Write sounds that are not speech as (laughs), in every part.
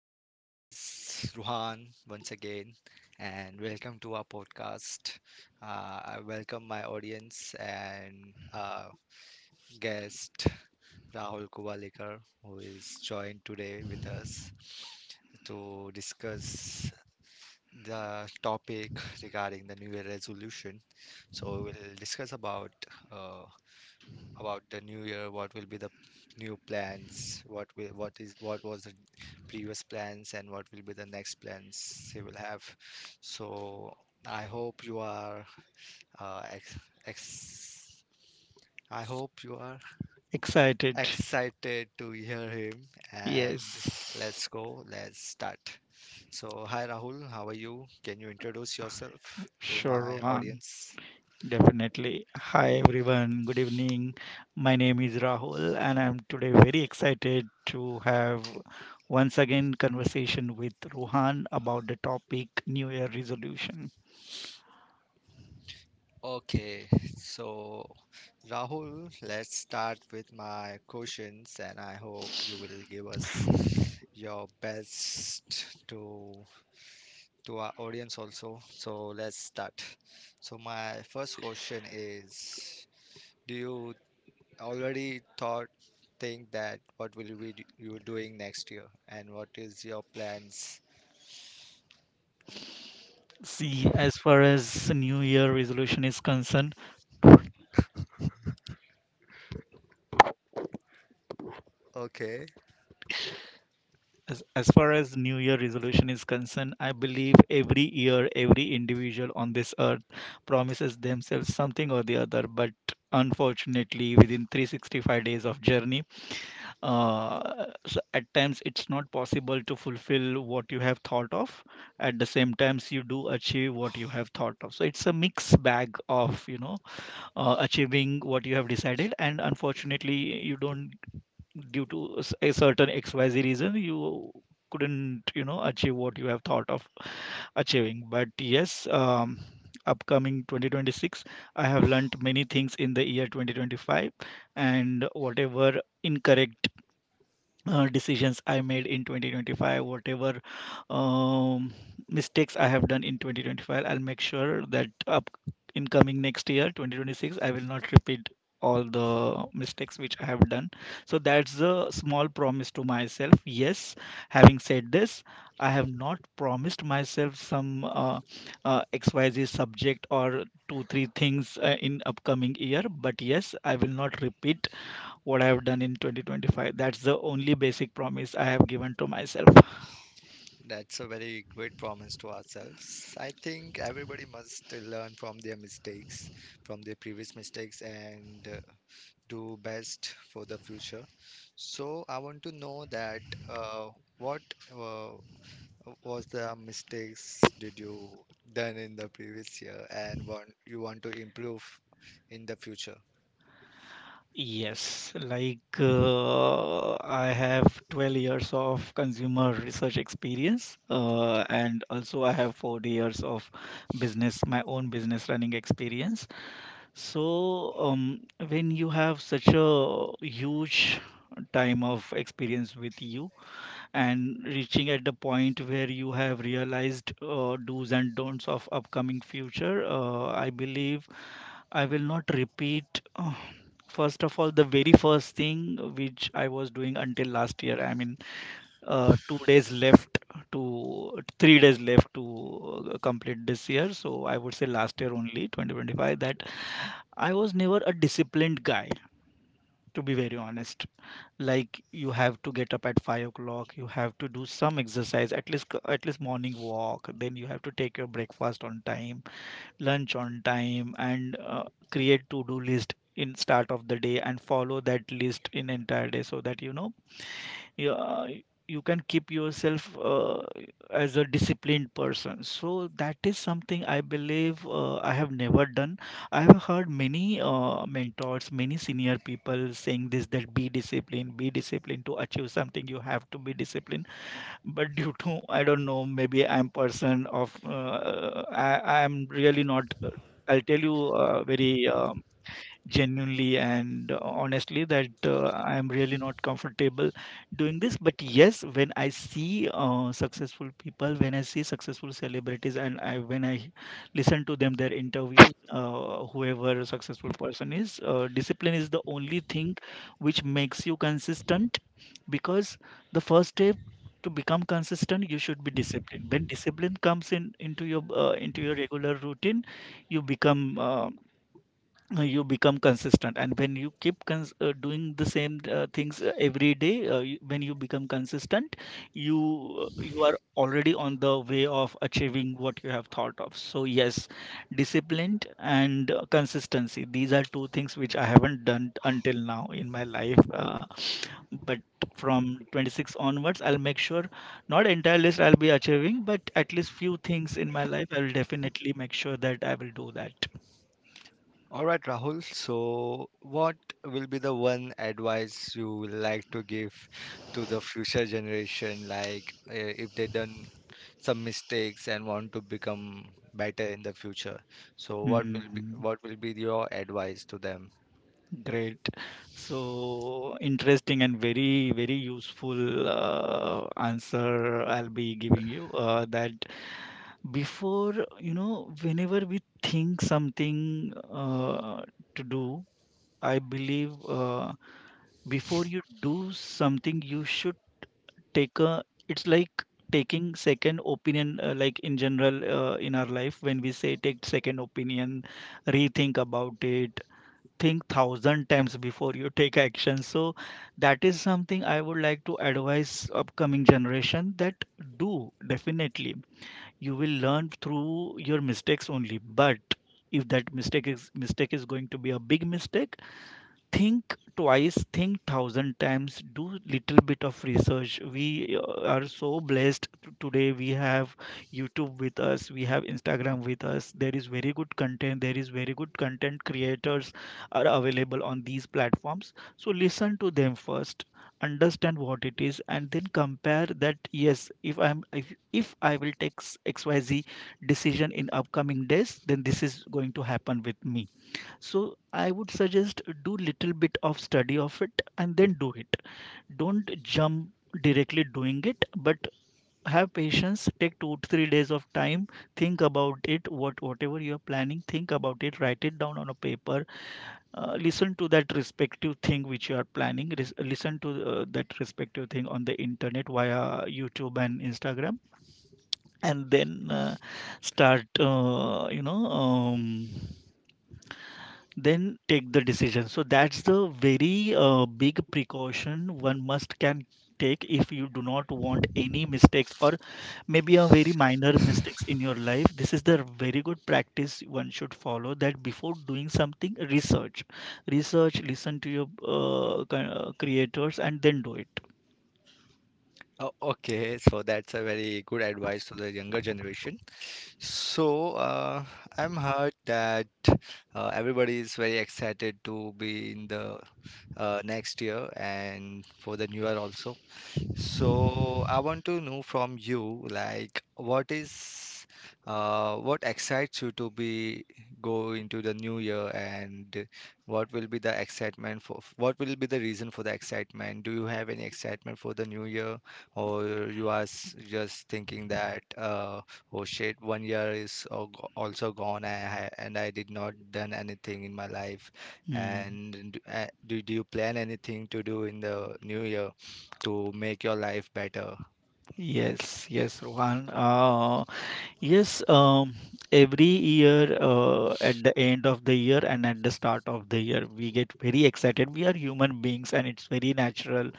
Hey, this is Ruhan once again, and welcome to our podcast. I welcome my audience and guest Rahul Kubalekar, who is joined today with us to discuss the topic regarding the New Year resolution. So we'll discuss uh, about the New Year. What will be the new plans, what will, what is what was the previous plans, and what will be the next plans he will have. So I hope you are uh, ex- ex- I hope you are Excited. excited to hear him, and Yes. let's go, let's start. So hi Rahul, how are you? Can you introduce yourself to Sure, my Rohan. audience? Definitely. Hi, everyone. Good evening. My name is Rahul, and I'm today very excited to have once again conversation with Rohan about the topic New Year resolution. Okay, so Rahul, let's start with my questions, and I hope you will give us your best to our audience also. So let's start. So my first question is, do you already thought think that what will you be you doing next year, and what is your plans? See, as far as New Year resolution is concerned, Okay. As far as New Year resolution is concerned, I believe every year, every individual on this earth promises themselves something or the other. But unfortunately, within 365 days of journey, so at times it's not possible to fulfill what you have thought of. At the same times, you do achieve what you have thought of. So it's a mixed bag of, achieving what you have decided, and unfortunately, you don't due to a certain XYZ reason, you couldn't, achieve what you have thought of achieving. But yes, upcoming 2026, I have learnt many things in the year 2025, and whatever incorrect decisions I made in 2025, whatever um, mistakes I have done in 2025, I'll make sure that up in coming next year, 2026, I will not repeat all the mistakes which I have done. So that's a small promise to myself. Yes, having said this, I have not promised myself some XYZ subject or two, three things in upcoming year, but yes, I will not repeat what I have done in 2025. That's the only basic promise I have given to myself. That's a very great promise to ourselves. I think everybody must learn from their mistakes, from their previous mistakes, and do best for the future. So I want to know that uh, what uh, was the mistakes did you done in the previous year, and want you want to improve in the future? Yes, like I have 12 years of consumer research experience, Okay. and also I have 40 years of business, my own business running experience. So, when you have such a huge time of experience with you, and reaching at the point where you have realized do's and don'ts of upcoming future, I believe I will not repeat first of all, the very first thing which I was doing until last year, I mean two days left to three days left to complete this year, so I would say last year only 2025, that I was never a disciplined guy, to be very honest. Like, you have to get up at 5 o'clock, you have to do some exercise, at least morning walk, then you have to take your breakfast on time, lunch on time, and create to do list in start of the day and follow that list in entire day, so that you know yeah, you can keep yourself as a disciplined person. So that is something I believe I have never done. I have heard many mentors, many senior people saying this, that be disciplined to achieve something. You have to be disciplined. But due to I don't know, maybe I'm person of uh, I am really not. I'll tell you very. Genuinely and honestly that I am really not comfortable doing this. But yes, when I see successful people, when I see successful celebrities, and I when I listen to them, their interviews, whoever a successful person is, discipline is the only thing which makes you consistent, because the first step to become consistent, you should be disciplined. When discipline comes in into your regular routine, you become uh, you become consistent, and when you keep doing the same things every day, when you become consistent, you you are already on the way of achieving what you have thought of. So yes, disciplined and consistency, these are two things which I haven't done until now in my life, but from 26 onwards I'll make sure, not entire list I'll be achieving, but at least few things in my life I will definitely make sure that I will do that. All right, Rahul. So, what will be the one advice you would like to give to the future generation, if they done some mistakes and want to become better in the future? So, what will be Hmm. Your advice to them? Great. So interesting and very, very useful answer I'll be giving you. That before, you know, whenever we think something to do, I believe before you do something, you should take a, it's like taking second opinion, like in general in our life, when we say take second opinion, rethink about it, think thousand times before you take action. So that is something I would like to advise upcoming generation, that do, definitely you will learn through your mistakes only, but if that mistake is going to be a big mistake, think twice, think thousand times, do little bit of research. We are so blessed today, we have YouTube with us, we have Instagram with us, there is very good content, there is very good content creators are available on these platforms. So listen to them first, understand what it is, and then compare that. Yes, if I will take XYZ decision in upcoming days, then this is going to happen with me. So I would suggest, do little bit of study of it and then do it. Don't jump directly doing it, but have patience. Take two to three days of time. Think about it. Whatever you are planning, think about it. Write it down on a paper. Listen to that respective thing which you are planning. Listen to that respective thing on the internet via YouTube and Instagram, and then start. You know. Then take the decision. So that's the very big precaution one must can take if you do not want any mistakes, or maybe a very minor mistakes in your life. This is the very good practice one should follow, that before doing something, research, listen to your creators and then do it. Oh, okay, so that's a very good advice to the younger generation. So, uh, I'm heard that everybody is very excited to be in the next year and for the new year also. So I want to know from you, like, what excites you to be go into the new year, and what will be what will be the reason for the excitement? Do you have any excitement for the new year, or you are just thinking that, oh shit, one year is also gone, and I did not done anything in my life, Hmm. and do you plan anything to do in the new year to make your life better? Yes, Rohan, Yes, um, every year at the end of the year and at the start of the year, we get very excited. We are human beings, and it's very natural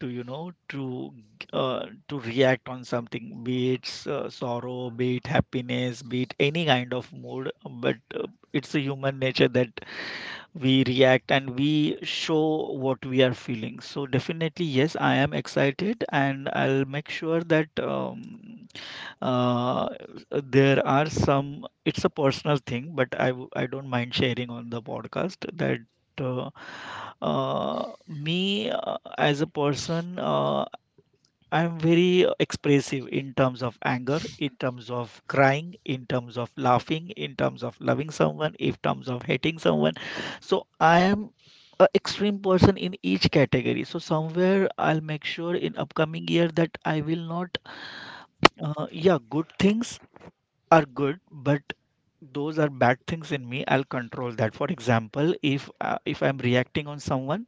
to, you know, to react on something, be it sorrow, be it happiness, be it any kind of mood. But it's a human nature that we react and we show what we are feeling. So definitely, yes, I am excited, and I'll make sure that uh, there are some. It's a personal thing, but I don't mind sharing on the podcast that. Uh, me as a person, I'm very expressive in terms of anger, in terms of crying, in terms of laughing, in terms of loving someone, in terms of hating someone. So I am a extreme person in each category. So somewhere I'll make sure in upcoming year that I will not. Yeah, good things are good, but those are bad things in me. I'll control that. For example, if I'm reacting on someone,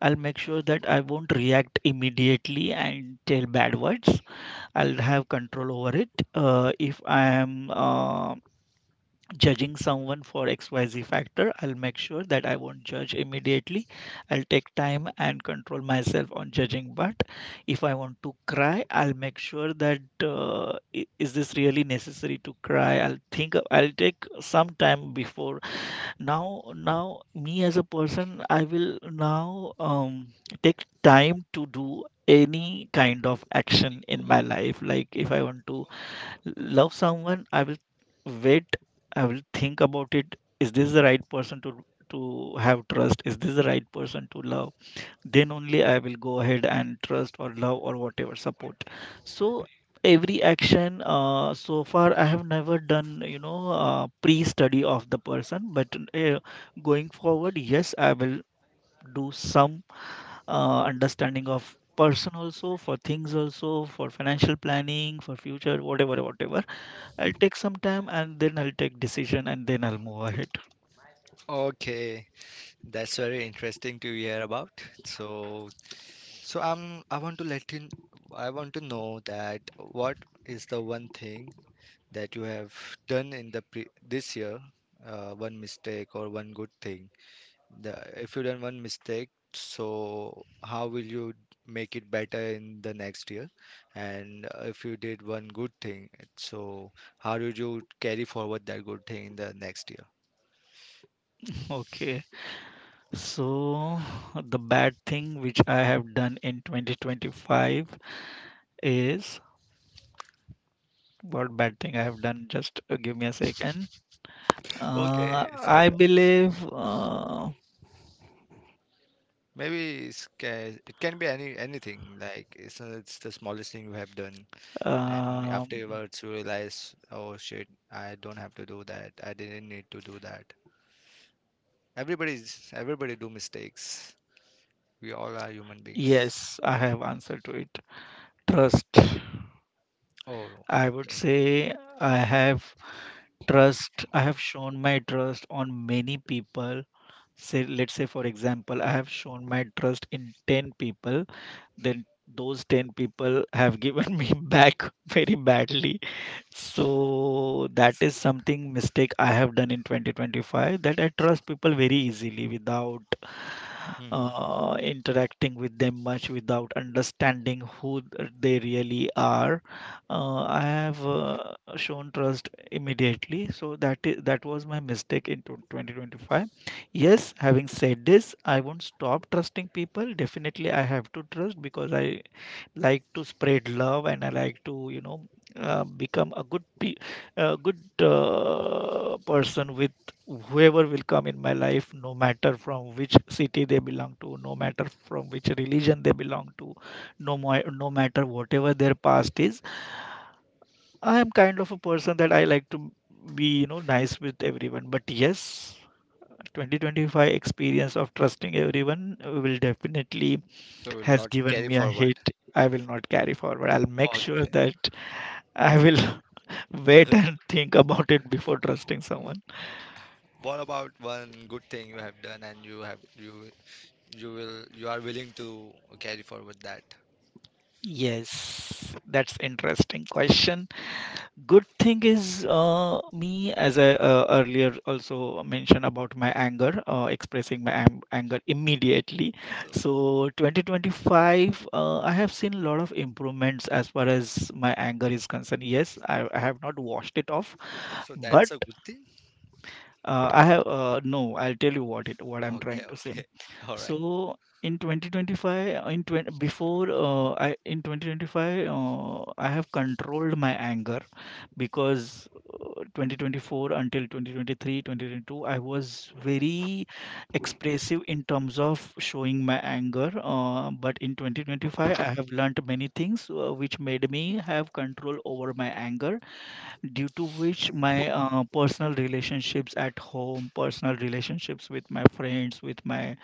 I'll make sure that I won't react immediately and tell bad words. I'll have control over it. If I am judging someone for XYZ factor, I'll make sure that I won't judge immediately. I'll take time and control myself on judging. But if I want to cry, I'll make sure that, is this really necessary to cry? I'll think, I'll take some time before. Now me as a person, I will now take time to do any kind of action in my life. Like, if I want to love someone, I will wait, I will think about it, is this the right person to have trust, is this the right person to love, then only I will go ahead and trust or love or whatever support. So every action, so far I have never done, you know, pre-study of the person, but going forward, yes, I will do some understanding of person also, for things also, for financial planning for future, whatever I'll take some time and then I'll take decision and then I'll move ahead. Okay, that's very interesting to hear about. So, I want to let you I want to know that what is the one thing that you have done in the pre this year, one mistake or one good thing. The If you done one mistake, so how will you make it better in the next year? And if you did one good thing, so how did you carry forward that good thing in the next year? (laughs) Okay. So, the bad thing which I have done in 2025 is, what bad thing I have done? Just give me a second. Okay, it's all I yours. believe, Maybe it's it can be any anything. Like it's the smallest thing you have done. Then um, afterwards you realize, oh shit, I don't have to do that. I didn't need to do that. Everybody's everybody do mistakes. We all are human beings. yes, I have answer to it. Trust. Oh, I would okay. say I have trust. I have shown my trust on many people. Say, let's say, for example, I have shown my trust in 10 people, then those 10 people have given me (laughs) back very badly. So that is something mistake I have done in 2025, that I trust people very easily without Mm-hmm. Interacting with them much, without understanding who they really are. I have shown trust immediately. So that is, that was my mistake in 2025. Yes, having said this, I won't stop trusting people. Definitely, I have to trust because I like to spread love and I like to, become a good person with whoever will come in my life, no matter from which city they belong to, no matter from which religion they belong to, no matter whatever their past is. I am kind of a person that I like to be, nice with everyone. But yes, 2025 experience of trusting everyone will definitely So we'll has not given carry me a forward. hit. I will not carry forward. I'll make sure Okay. that I will (laughs) wait and (laughs) think about it before trusting someone. What about one good thing you have done and you will you are willing to carry forward that? Yes, that's interesting question. Good thing is me as I earlier also mentioned about my anger, expressing my anger immediately. So So 2025, I have seen a lot of improvements as far as my anger is concerned. Yes, I have not washed it off, so but that's a good thing. I have no. I'll tell you what I'm trying Okay, to say. okay. (laughs) All right. So in 2025, in 2025, I have controlled my anger because 2024 until 2023, 2022, I was very expressive in terms of showing my anger. But in 2025, I have learnt many things which made me have control over my anger, due to which my personal relationships at home, personal relationships with my friends, with my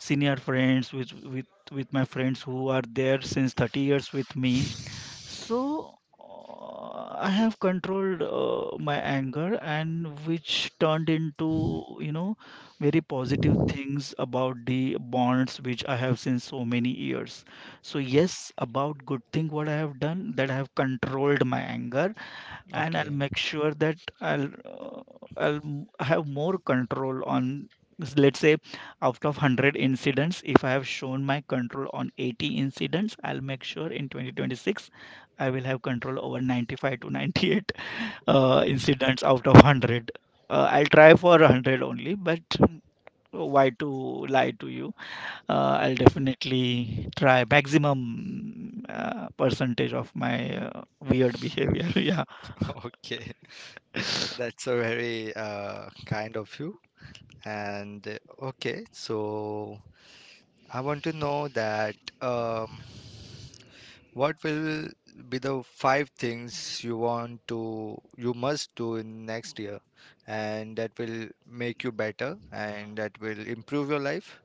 senior friends, with with my friends who are there since 30 years with me. So I have controlled my anger, and which turned into, you know, very positive things about the bonds which I have since so many years. So yes, about good thing what I have done, that I have controlled my anger. And I'll Okay, make sure that I'll have more control on, let's say, out of 100 incidents, if I have shown my control on 80 incidents, I'll make sure in 2026 I will have control over 95 to 98 incidents out of 100. I'll try for 100 only, but why to lie to you. I'll definitely try maximum percentage of my weird behavior. (laughs) Yeah. (laughs) okay. That's a very kind of you. And okay, so I want to know that um, what will be the five things you want to, you must do in next year, and that will make you better and that will improve your life?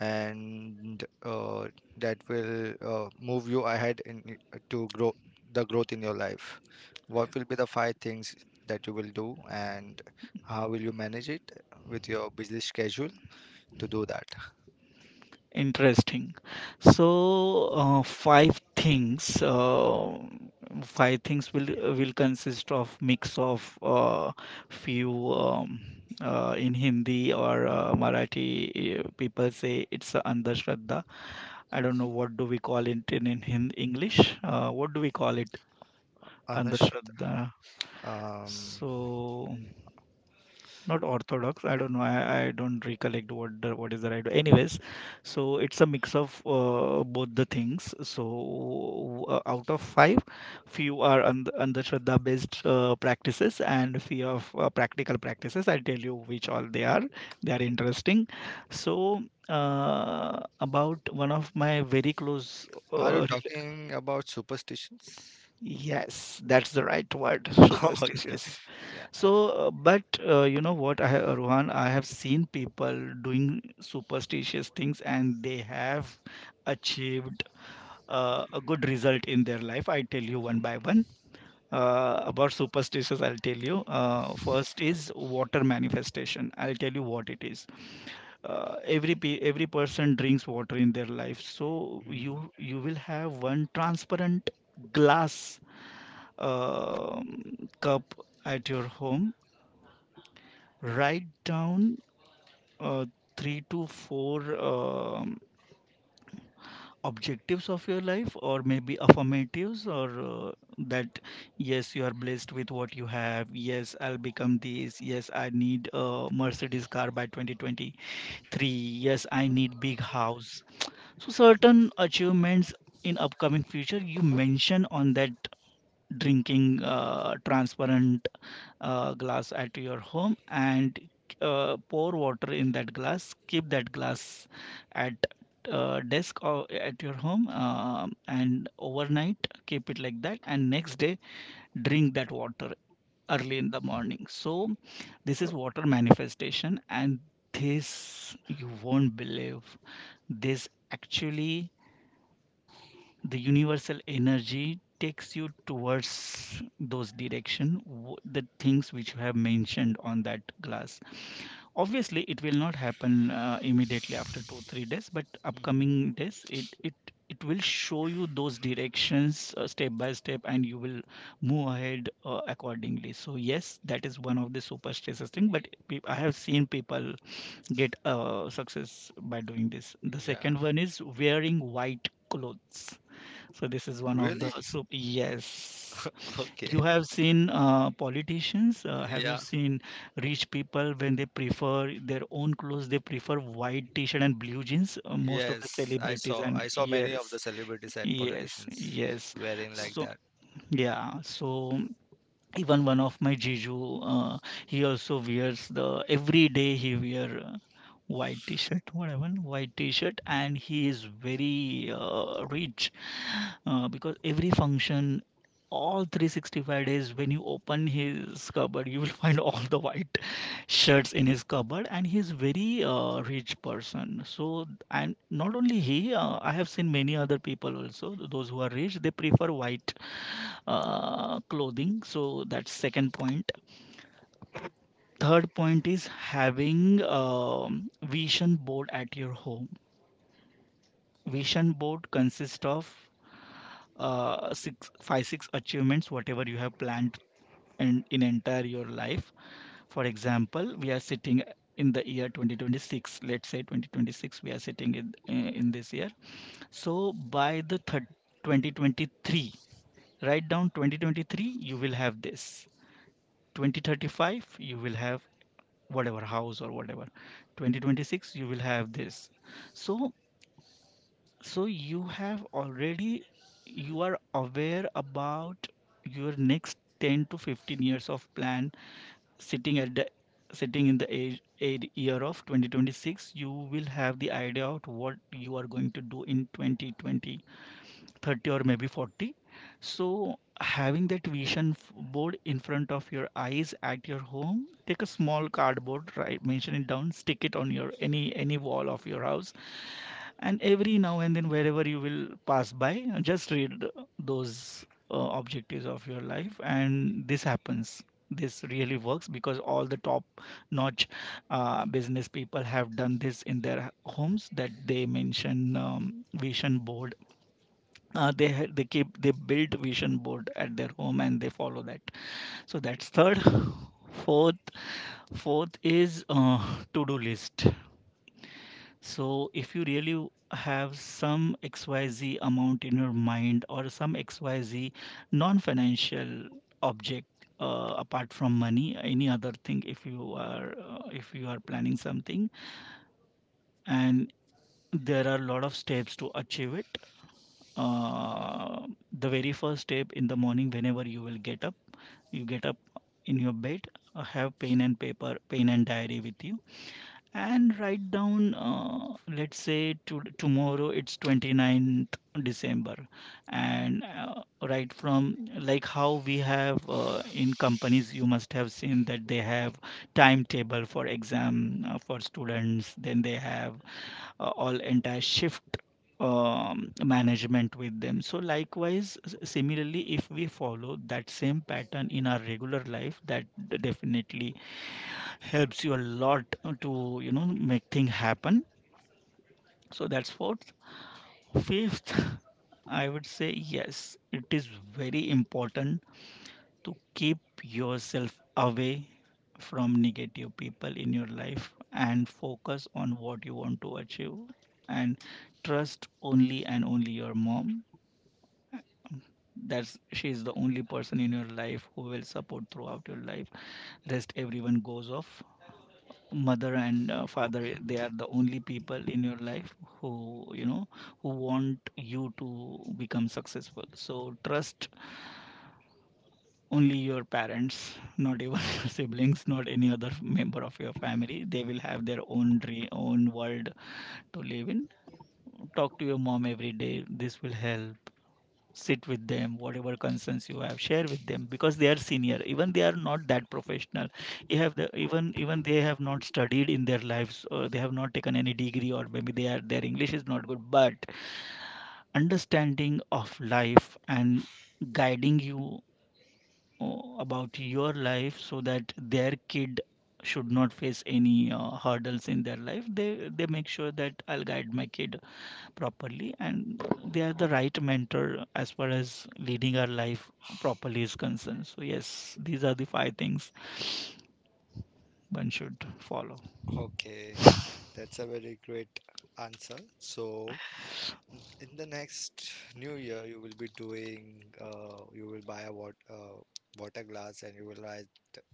And that will move you ahead in to grow the growth in your life. What will be the five things that you will do, and how will you manage it with your busy schedule to do that? Interesting. So, five things will consist of mix of few in Hindi or Marathi. People say it's a Andhashraddha. I don't know what do we call it in English. What do we call it? Anushrat, Andhashraddha. um, So not orthodox. I don't know. I don't recollect what is the right, anyways. So it's a mix of both the things. So out of five, few are andhashraddha based practices, and few of practical practices. I'll tell you which all they are. They are interesting. So about one of my very close are you talking about superstitions? yes, that's the right word, (laughs) Oh, okay. superstitious. Yeah. So, but you know what, Rohan, I have seen people doing superstitious things and they have achieved a good result in their life. I tell you one by one. About superstitious, I'll tell you. First is water manifestation. I'll tell you what it is. Every person drinks water in their life, so Mhm. you will have one transparent glass, um, cup at your home. Write down uh, three to four objectives of your life, or maybe affirmatives, or that yes, you are blessed with what you have. Yes, I'll become this. Yes, I need a Mercedes car by 2023. Yes, I need big house. So certain achievements in upcoming future, you mention on that drinking transparent glass at your home and pour water in that glass, keep that glass at desk or at your home, um, and overnight keep it like that, and next day drink that water early in the morning. So this is water manifestation, and this you won't believe. This actually, the universal energy takes you towards those direction, the things which you have mentioned on that glass. Obviously it will not happen immediately after 2 3 days, but Mhm. upcoming days it will show you those directions step by step, and you will move ahead accordingly. So yes, that is one of the superstitious thing. But I have seen people get success by doing this. The Yeah. second one is wearing white clothes. So this is one of the, Really? so yes. (laughs) Okay. You have seen politicians. Have you Yeah, seen rich people when they prefer their own clothes? They prefer white t-shirt and blue jeans. Most of the yes, I celebrities, saw, and I saw many of yes, the celebrities and yes, politicians yes. wearing like So that. yeah. So even one of my jiju, uh, he also wears the every day he wear white t-shirt, whatever, white t-shirt, and he is very rich, because every function, all 365 days, when you open his cupboard, you will (laughs) find all the white (laughs) shirts in his cupboard, and he's very rich person. So, and not only he, I have seen many other people also, those who are rich, they prefer white clothing. So that's second point. Third point is having, vision board at your home. Vision board consists of five, six achievements, whatever you have planned and in entire your life. For example, we are sitting in the year 2026. Let's say 2026, we are sitting in, eh, in this year. So by the third 2023, write down 2023, you will have this. 2035 you will have whatever house or whatever. 2026 you will have this. So, so you have already, you are aware about your next 10 to 15 years of plan, sitting at the, sitting in the age, age year of 2026, you will have the idea of what you are going to do in 2020 30 or maybe 40. So having that vision board in front of your eyes at your home, take a small cardboard, right, mention it down, stick it on your any wall of your house. And every now and then, wherever you will pass by, just read those objectives of your life, and this happens. This really works, because all the top notch business people have done this in their homes, that they mention, vision board. They keep, they build vision board at their home, and they follow that. So that's third. Fourth, fourth is to-do list. So if you really have some xyz amount in your mind, or some xyz non-financial object, apart from money, any other thing, if you are planning something, and there are a lot of steps to achieve it, uh, the very first step in the morning, whenever you will get up, you get up in your bed, have pen and paper, pen and diary with you, and write down, let's say, tomorrow it's twenty ninth december. And right from, like how we have, in companies you must have seen that they have timetable for exam for students, then they have all entire shift, management with them. So likewise, similarly, if we follow that same pattern in our regular life, that definitely helps you a lot to, you know, make things happen. So that's fourth. Fifth, (laughs) I would say yes, it is very important to keep yourself away from negative people in your life, and focus on what you want to achieve. And trust only and only your mom. That's, she is the only person in your life who will support throughout your life. Rest everyone goes off. Mother and father, they are the only people in your life who, you know, who want you to become successful. So trust only your parents, not even (laughs) your siblings, not any other member of your family. They will have their own dream, own world to live in. Talk to your mom every day, this will help. Sit with them, whatever concerns you have, share with them, because they are senior. Even they are not that professional, you have the, even they have not studied in their lives, or they have not taken any degree, or maybe they are, their english is not good, but understanding of life, and guiding you about your life, so that their kid should not face any hurdles in their life, they make sure that I'll guide my kid properly. And they are the right mentor as far as leading our life properly is concerned. So yes, these are the five things one should follow. Okay, that's a very great answer. So, in the next new year, you will be doing, you will buy a water glass, and you will write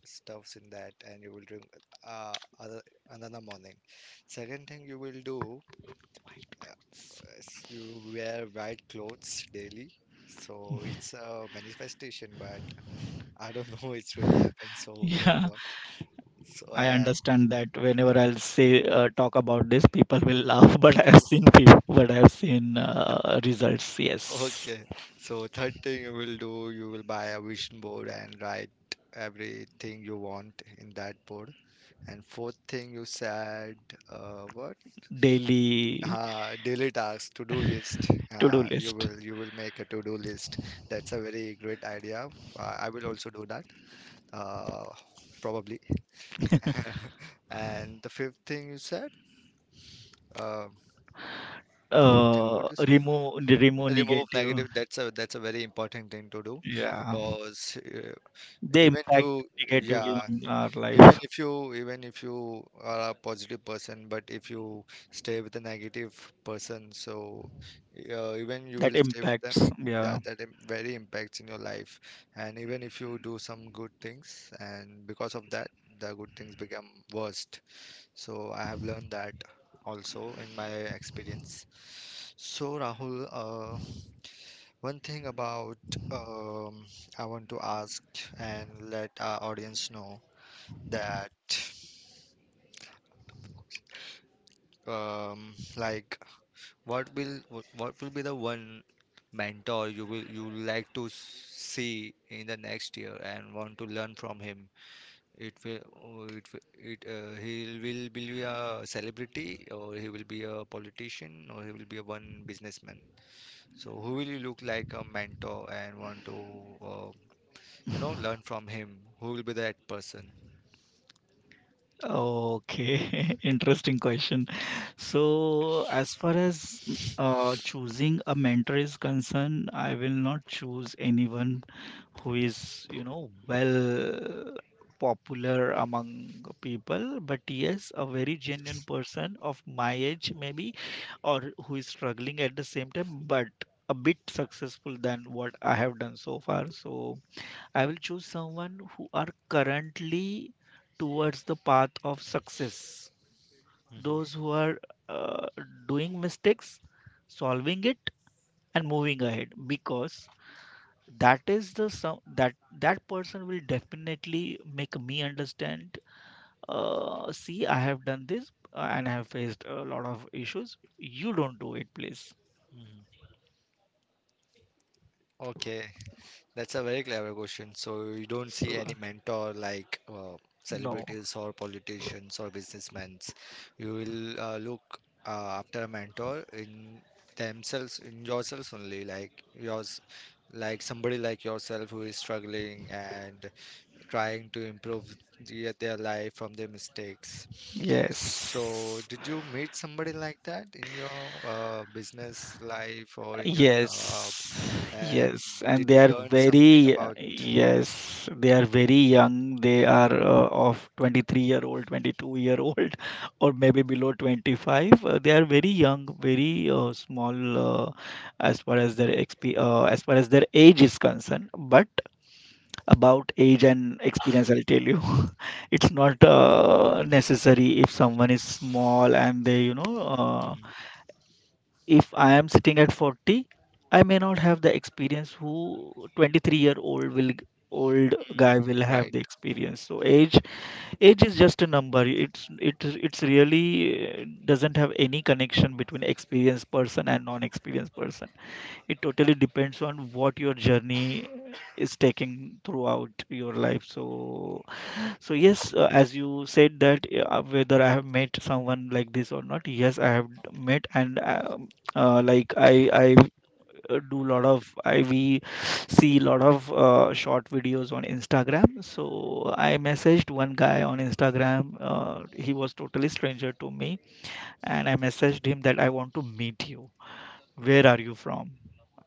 stuffs in that, and you will drink uh, other, another morning. Second thing you will do White uh, clothes. is you wear white clothes daily. So, it's a manifestation, but I don't know (laughs) it's really happened (laughs) so or Yeah, what. So, I and understand that whenever I'll say talk about this, people will laugh. (laughs) But I have seen people, but I have seen results. Yes. okay. So third thing you will do, you will buy a vision board and write everything you want in that board. And fourth thing you said, what? Daily. Daily tasks, to-do list. To-do list. You will make a to-do list. That's a very great idea. I will also do that. Uh, Probably. (laughs) And the fifth thing you said, uh, fifth thing Uh, what you said? remove remove Remove negative. negative. That's a very important thing to do Yeah, because they even impact you, negatively yeah, on our even life. if you, even if you are a positive person, but if you stay with a negative person, so even you will That stay with them. impacts. Yeah. That very impacts in your life, and even if you do some good things, and because of that, the good things become worst. So I have learned that also in my experience. So Rahul, one thing about um, I want to ask and let our audience know that um, like what will what will be the one mentor you will you like to see in the next year and want to learn from him? It will, oh, it will- it he will be a celebrity, or he will be a politician, or he will be a one businessman. So who will you look like a mentor and want to uh, you know, learn from him? Who will be that person? Okay. (laughs) Interesting question. So as far as choosing a mentor is concerned, I will not choose anyone who is you know well popular among people, but yes, a very genuine person of my age maybe, or who is struggling at the same time but a bit successful than what I have done so far. So I will choose someone who are currently towards the path of success, those Hmm. who are uh, doing mistakes, solving it and moving ahead, because that is the some that that person will definitely make me understand, see, I have done this and I have faced a lot of issues, you don't do it please. Hmm. Okay. That's a very clever question. So you don't see So any mentor like no. celebrities or politicians or businessmen. You will look after a mentor in themselves, in yourselves only, like yours, like somebody like yourself who is struggling and trying to improve their life from their mistakes. So Yes. did you meet somebody like that in your business life or in your job? Yes, And yes, and did they you are learn something very, about? yes, they are very young. They are of 23-year-old, 22-year-old, (laughs) or maybe below 25. They are very young, very small, as far as their exp as far as their age is concerned. But about age and experience, I'll tell you, (laughs) it's not necessary. If someone is small and they, you know, Mhm. if I am sitting at 40, I may not have the experience who 23-year-old will old guy Mm, will have right. the experience. So age is just a number. It's really doesn't have any connection between experienced person and non-experienced person. It totally depends on what your journey is taking throughout your life. So yes, as you said that whether I have met someone like this or not, yes, I have met, and like I do lot of I we see lot of short videos on Instagram. So I messaged one guy on Instagram. He was totally stranger to me, and I messaged him that I want to meet you. Where are you from?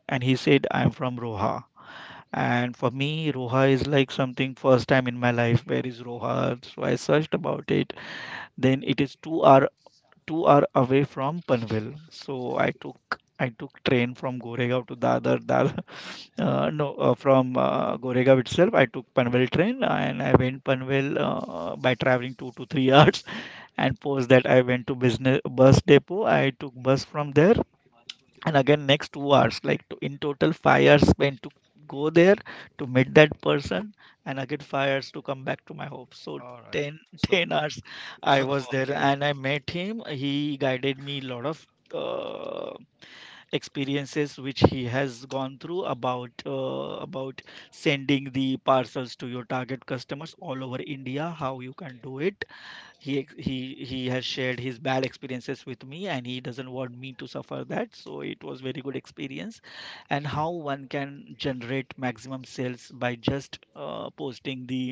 And he said I'm from Roha. And for me, Roha is like something first time in my life. Where is Roha? So I searched about it. Then it is 2 hour away from Panvel. So I took train from Goregaon to Dadar. Dadar (laughs) no, from Goregaon itself, I took Panvel train and I went Panvel by traveling two to three (laughs) hours. And post that, I went to bus depot. I took bus from there, and again next 2 hours like to, in total 5 hours spent to go there to meet that person, and again 5 hours to come back to my home. So All right. 10 (laughs) So, 10 hours I was (laughs) there, okay. and I met him. He guided me a lot of uh, experiences which he has gone through about sending the parcels to your target customers all over India, how you can do it. He he has shared his bad experiences with me, and he doesn't want me to suffer that, so it was very good experience. And how one can generate maximum sales by just posting the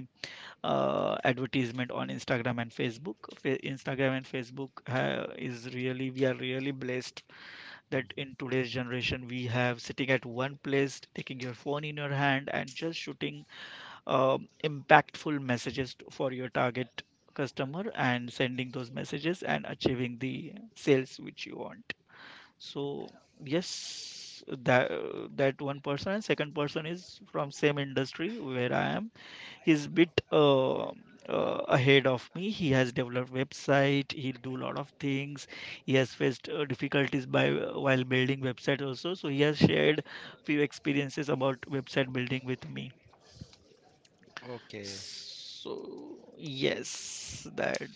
advertisement on Instagram and Facebook. Instagram and Facebook is really, we are really blessed that in Hmm. today's generation we have sitting at one place, taking your phone in your hand and just shooting uh, impactful messages for your target customer, and sending those messages and achieving the sales which you want. So yes, that one person. And second person is from same industry where I am. He's bit ahead of me. He has developed website, he'll do lot of things. He has faced difficulties by while building website also, so he has shared few experiences about website building with me. Okay. So yes, that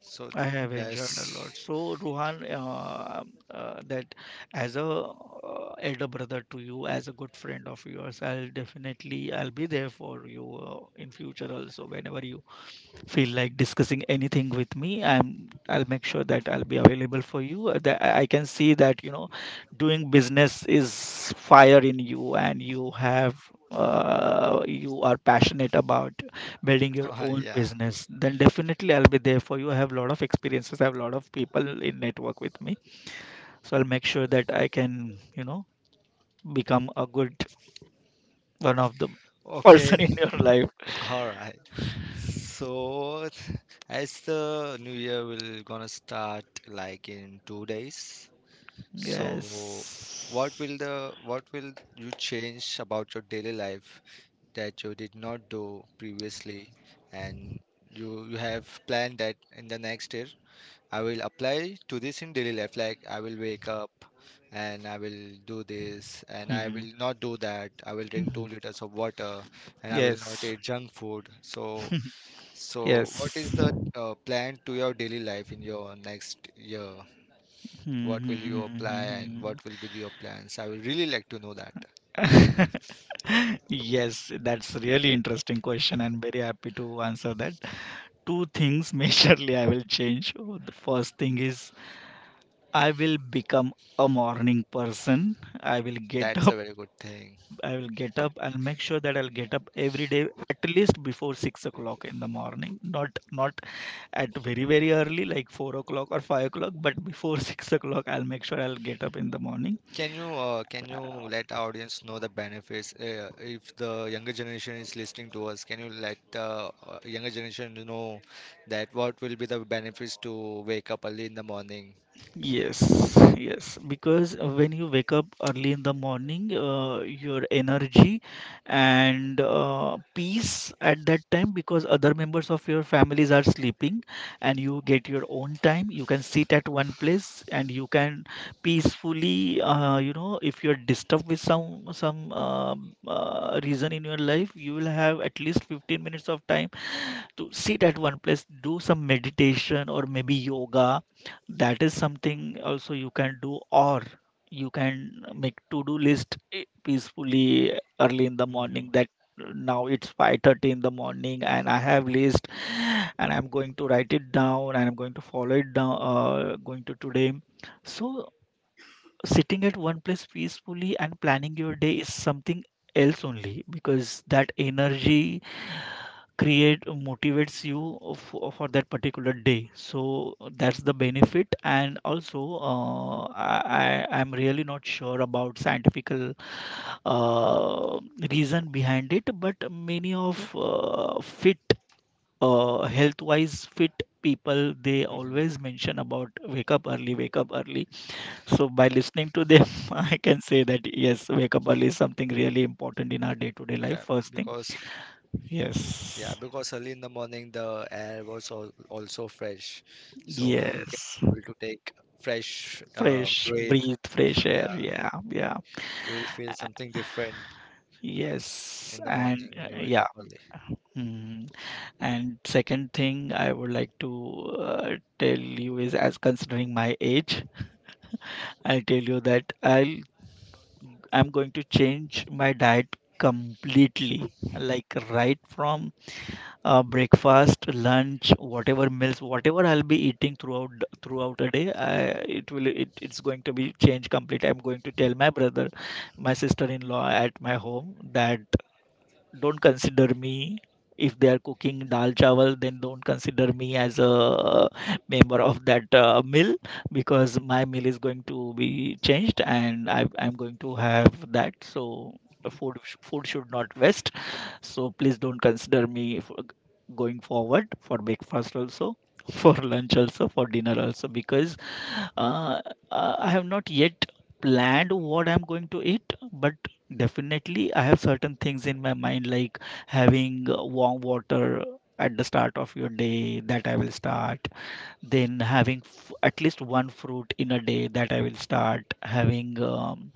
So I have enjoyed a that's lot. So Ruhan, that as a elder brother to you, as a good friend of yours, I'll be there for you in future also. Whenever you feel like discussing anything with me, I'll make sure that I'll be available for you. That I can see that, you know, doing business is fire in you, and you have you are passionate about building your (laughs) own yeah. business. Then definitely I'll be there for you. I have a lot of experiences, I have a lot of people in network with me, so I'll make sure that I can, you know, become a good one of the Okay. person (laughs) in your life. All right. So as the new year will gonna start like in 2 days. So Yes. what will the what will you change about your daily life that you did not do previously, and you have planned that in the next year? I will apply to this in daily life, like I will wake up and I will do this and I Hmm. will not do that. I will drink 2 liters of water, and I will not Yes. eat junk food. So so what is Yes. the plan to your daily life in your next year? What will you (laughs) apply and what will be your plans? I will really like to know that. Yes, that's a really interesting question, and very happy to answer that. Two things (laughs) majorly I will change. Oh, The first thing is I will become a morning person. I will get That's up. a very good thing. I will get up. I'll make sure that I'll get up every day at least before 6 o'clock in the morning. Not at very very early like 4 o'clock or 5 o'clock, but before (laughs) 6 o'clock I'll make sure I'll get up in the morning. Can you let our audience know the benefits, if the younger generation is listening to us? Can you let the younger generation know that what will be the benefits to wake up early in the morning? Yes, yes, because when you wake up early in the morning, your energy and peace at that time, because other members of your families are sleeping, and you get your own time. You can sit at one place, and you can peacefully, you know, if you're disturbed with some reason in your life, you will have at least 15 minutes of time to sit at one place, do some meditation or maybe yoga, that is something also you can do. Or you can make to do list, peacefully early in the Hmm. morning, that now it's 5:30 in the morning and I have list, and I'm going to write it down, and I'm going to follow it down, going to today. So sitting at one place peacefully and planning your day is something else only, because that energy create motivates you for that particular day. So that's the benefit. And also, uh, i I'm really not sure about scientific uh, reason behind it, but many of fit health wise fit people, they Hmm. always mention about wake up early, wake up early. So by listening to them, (laughs) I can say that yes, wake up early is something really important in our day-to-day life. Yeah, First thing, because, yeah, yes, because early in the morning the air was al also fresh, so you can yes, able to take fresh fresh breath. breathe, fresh Yeah, air. Yeah, yeah, you will feel something different yes, in the morning and when you wake yeah. up early. Mm. And second thing I would like to uh, tell you is, as considering my age, I'll tell you that I'm going to change my diet completely. Like right from breakfast, lunch, whatever meals, whatever I'll be eating throughout a day, it will it's going to be changed completely. I'm going to tell my brother, my sister-in-law at my home that don't consider me, if they are cooking dal chawal, then don't consider me as a member of that meal, because my meal is going to be changed, and I'm going to have that. So food should not waste, so please don't consider me for going forward, for breakfast also, (laughs) for lunch also, for dinner also, because uh, I have not yet planned what I'm going to eat. But definitely, I have certain things in my mind, like having warm water at the start of your day, that I will start. Then having f at least one fruit in a day, that I will start. Having um,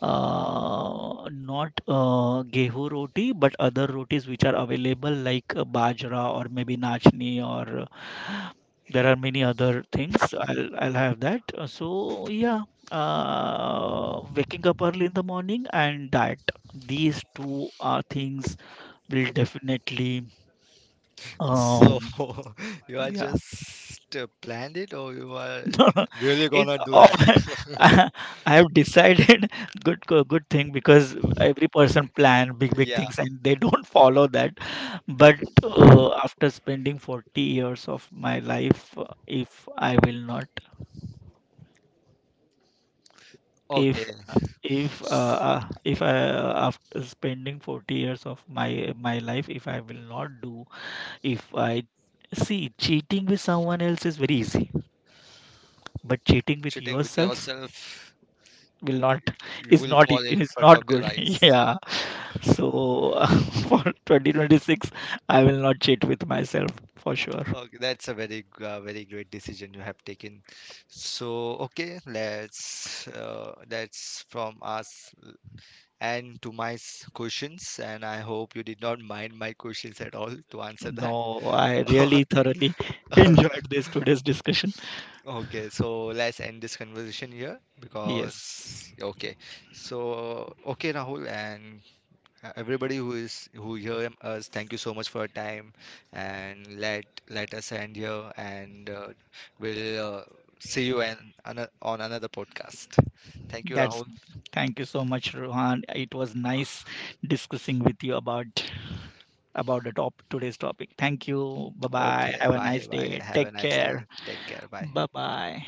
uh, not gehu roti, but other rotis which are available, like bajra or maybe nachni, or there are many other things. I'll have that. So yeah, waking up early in the morning and diet, these two are things will definitely So um (laughs) you are yeah. just planned it, or you are (laughs) No, no. really it gonna do that? oh, (laughs) (laughs) I have decided. (laughs) Good good thing, because every person plan big big Yeah. things and they don't (laughs) follow that. But after spending 40 years of my life, if I will not, if Okay. if if I after spending 40 years of my life, if I will not do, if I see, cheating with someone else is very easy, but cheating with Cheating with yourself yourself, will not you is will not e- fall in is front not of your good. eyes. (laughs) Yeah, so (laughs) for 2026 I will not cheat with myself for sure. Okay, that's a very, very great decision you have taken. So, okay, let's. That's from us and to my questions, and I hope you did not mind my questions at all to answer No, that. I really thoroughly (laughs) (laughs) enjoyed this today's discussion. Okay, so let's end this conversation here Yes, because okay. So okay, Rahul, and everybody who is who hear us, thank you so much for your time, and let let us end here, and we'll see you on another podcast. Thank you, that's Rahul. thank you so much Rohan. It was Uh, nice discussing with you about the top today's topic. Thank you. Bye bye, okay, have a bye nice bye. day, Have a take nice day. care. Take care. Bye. Bye bye.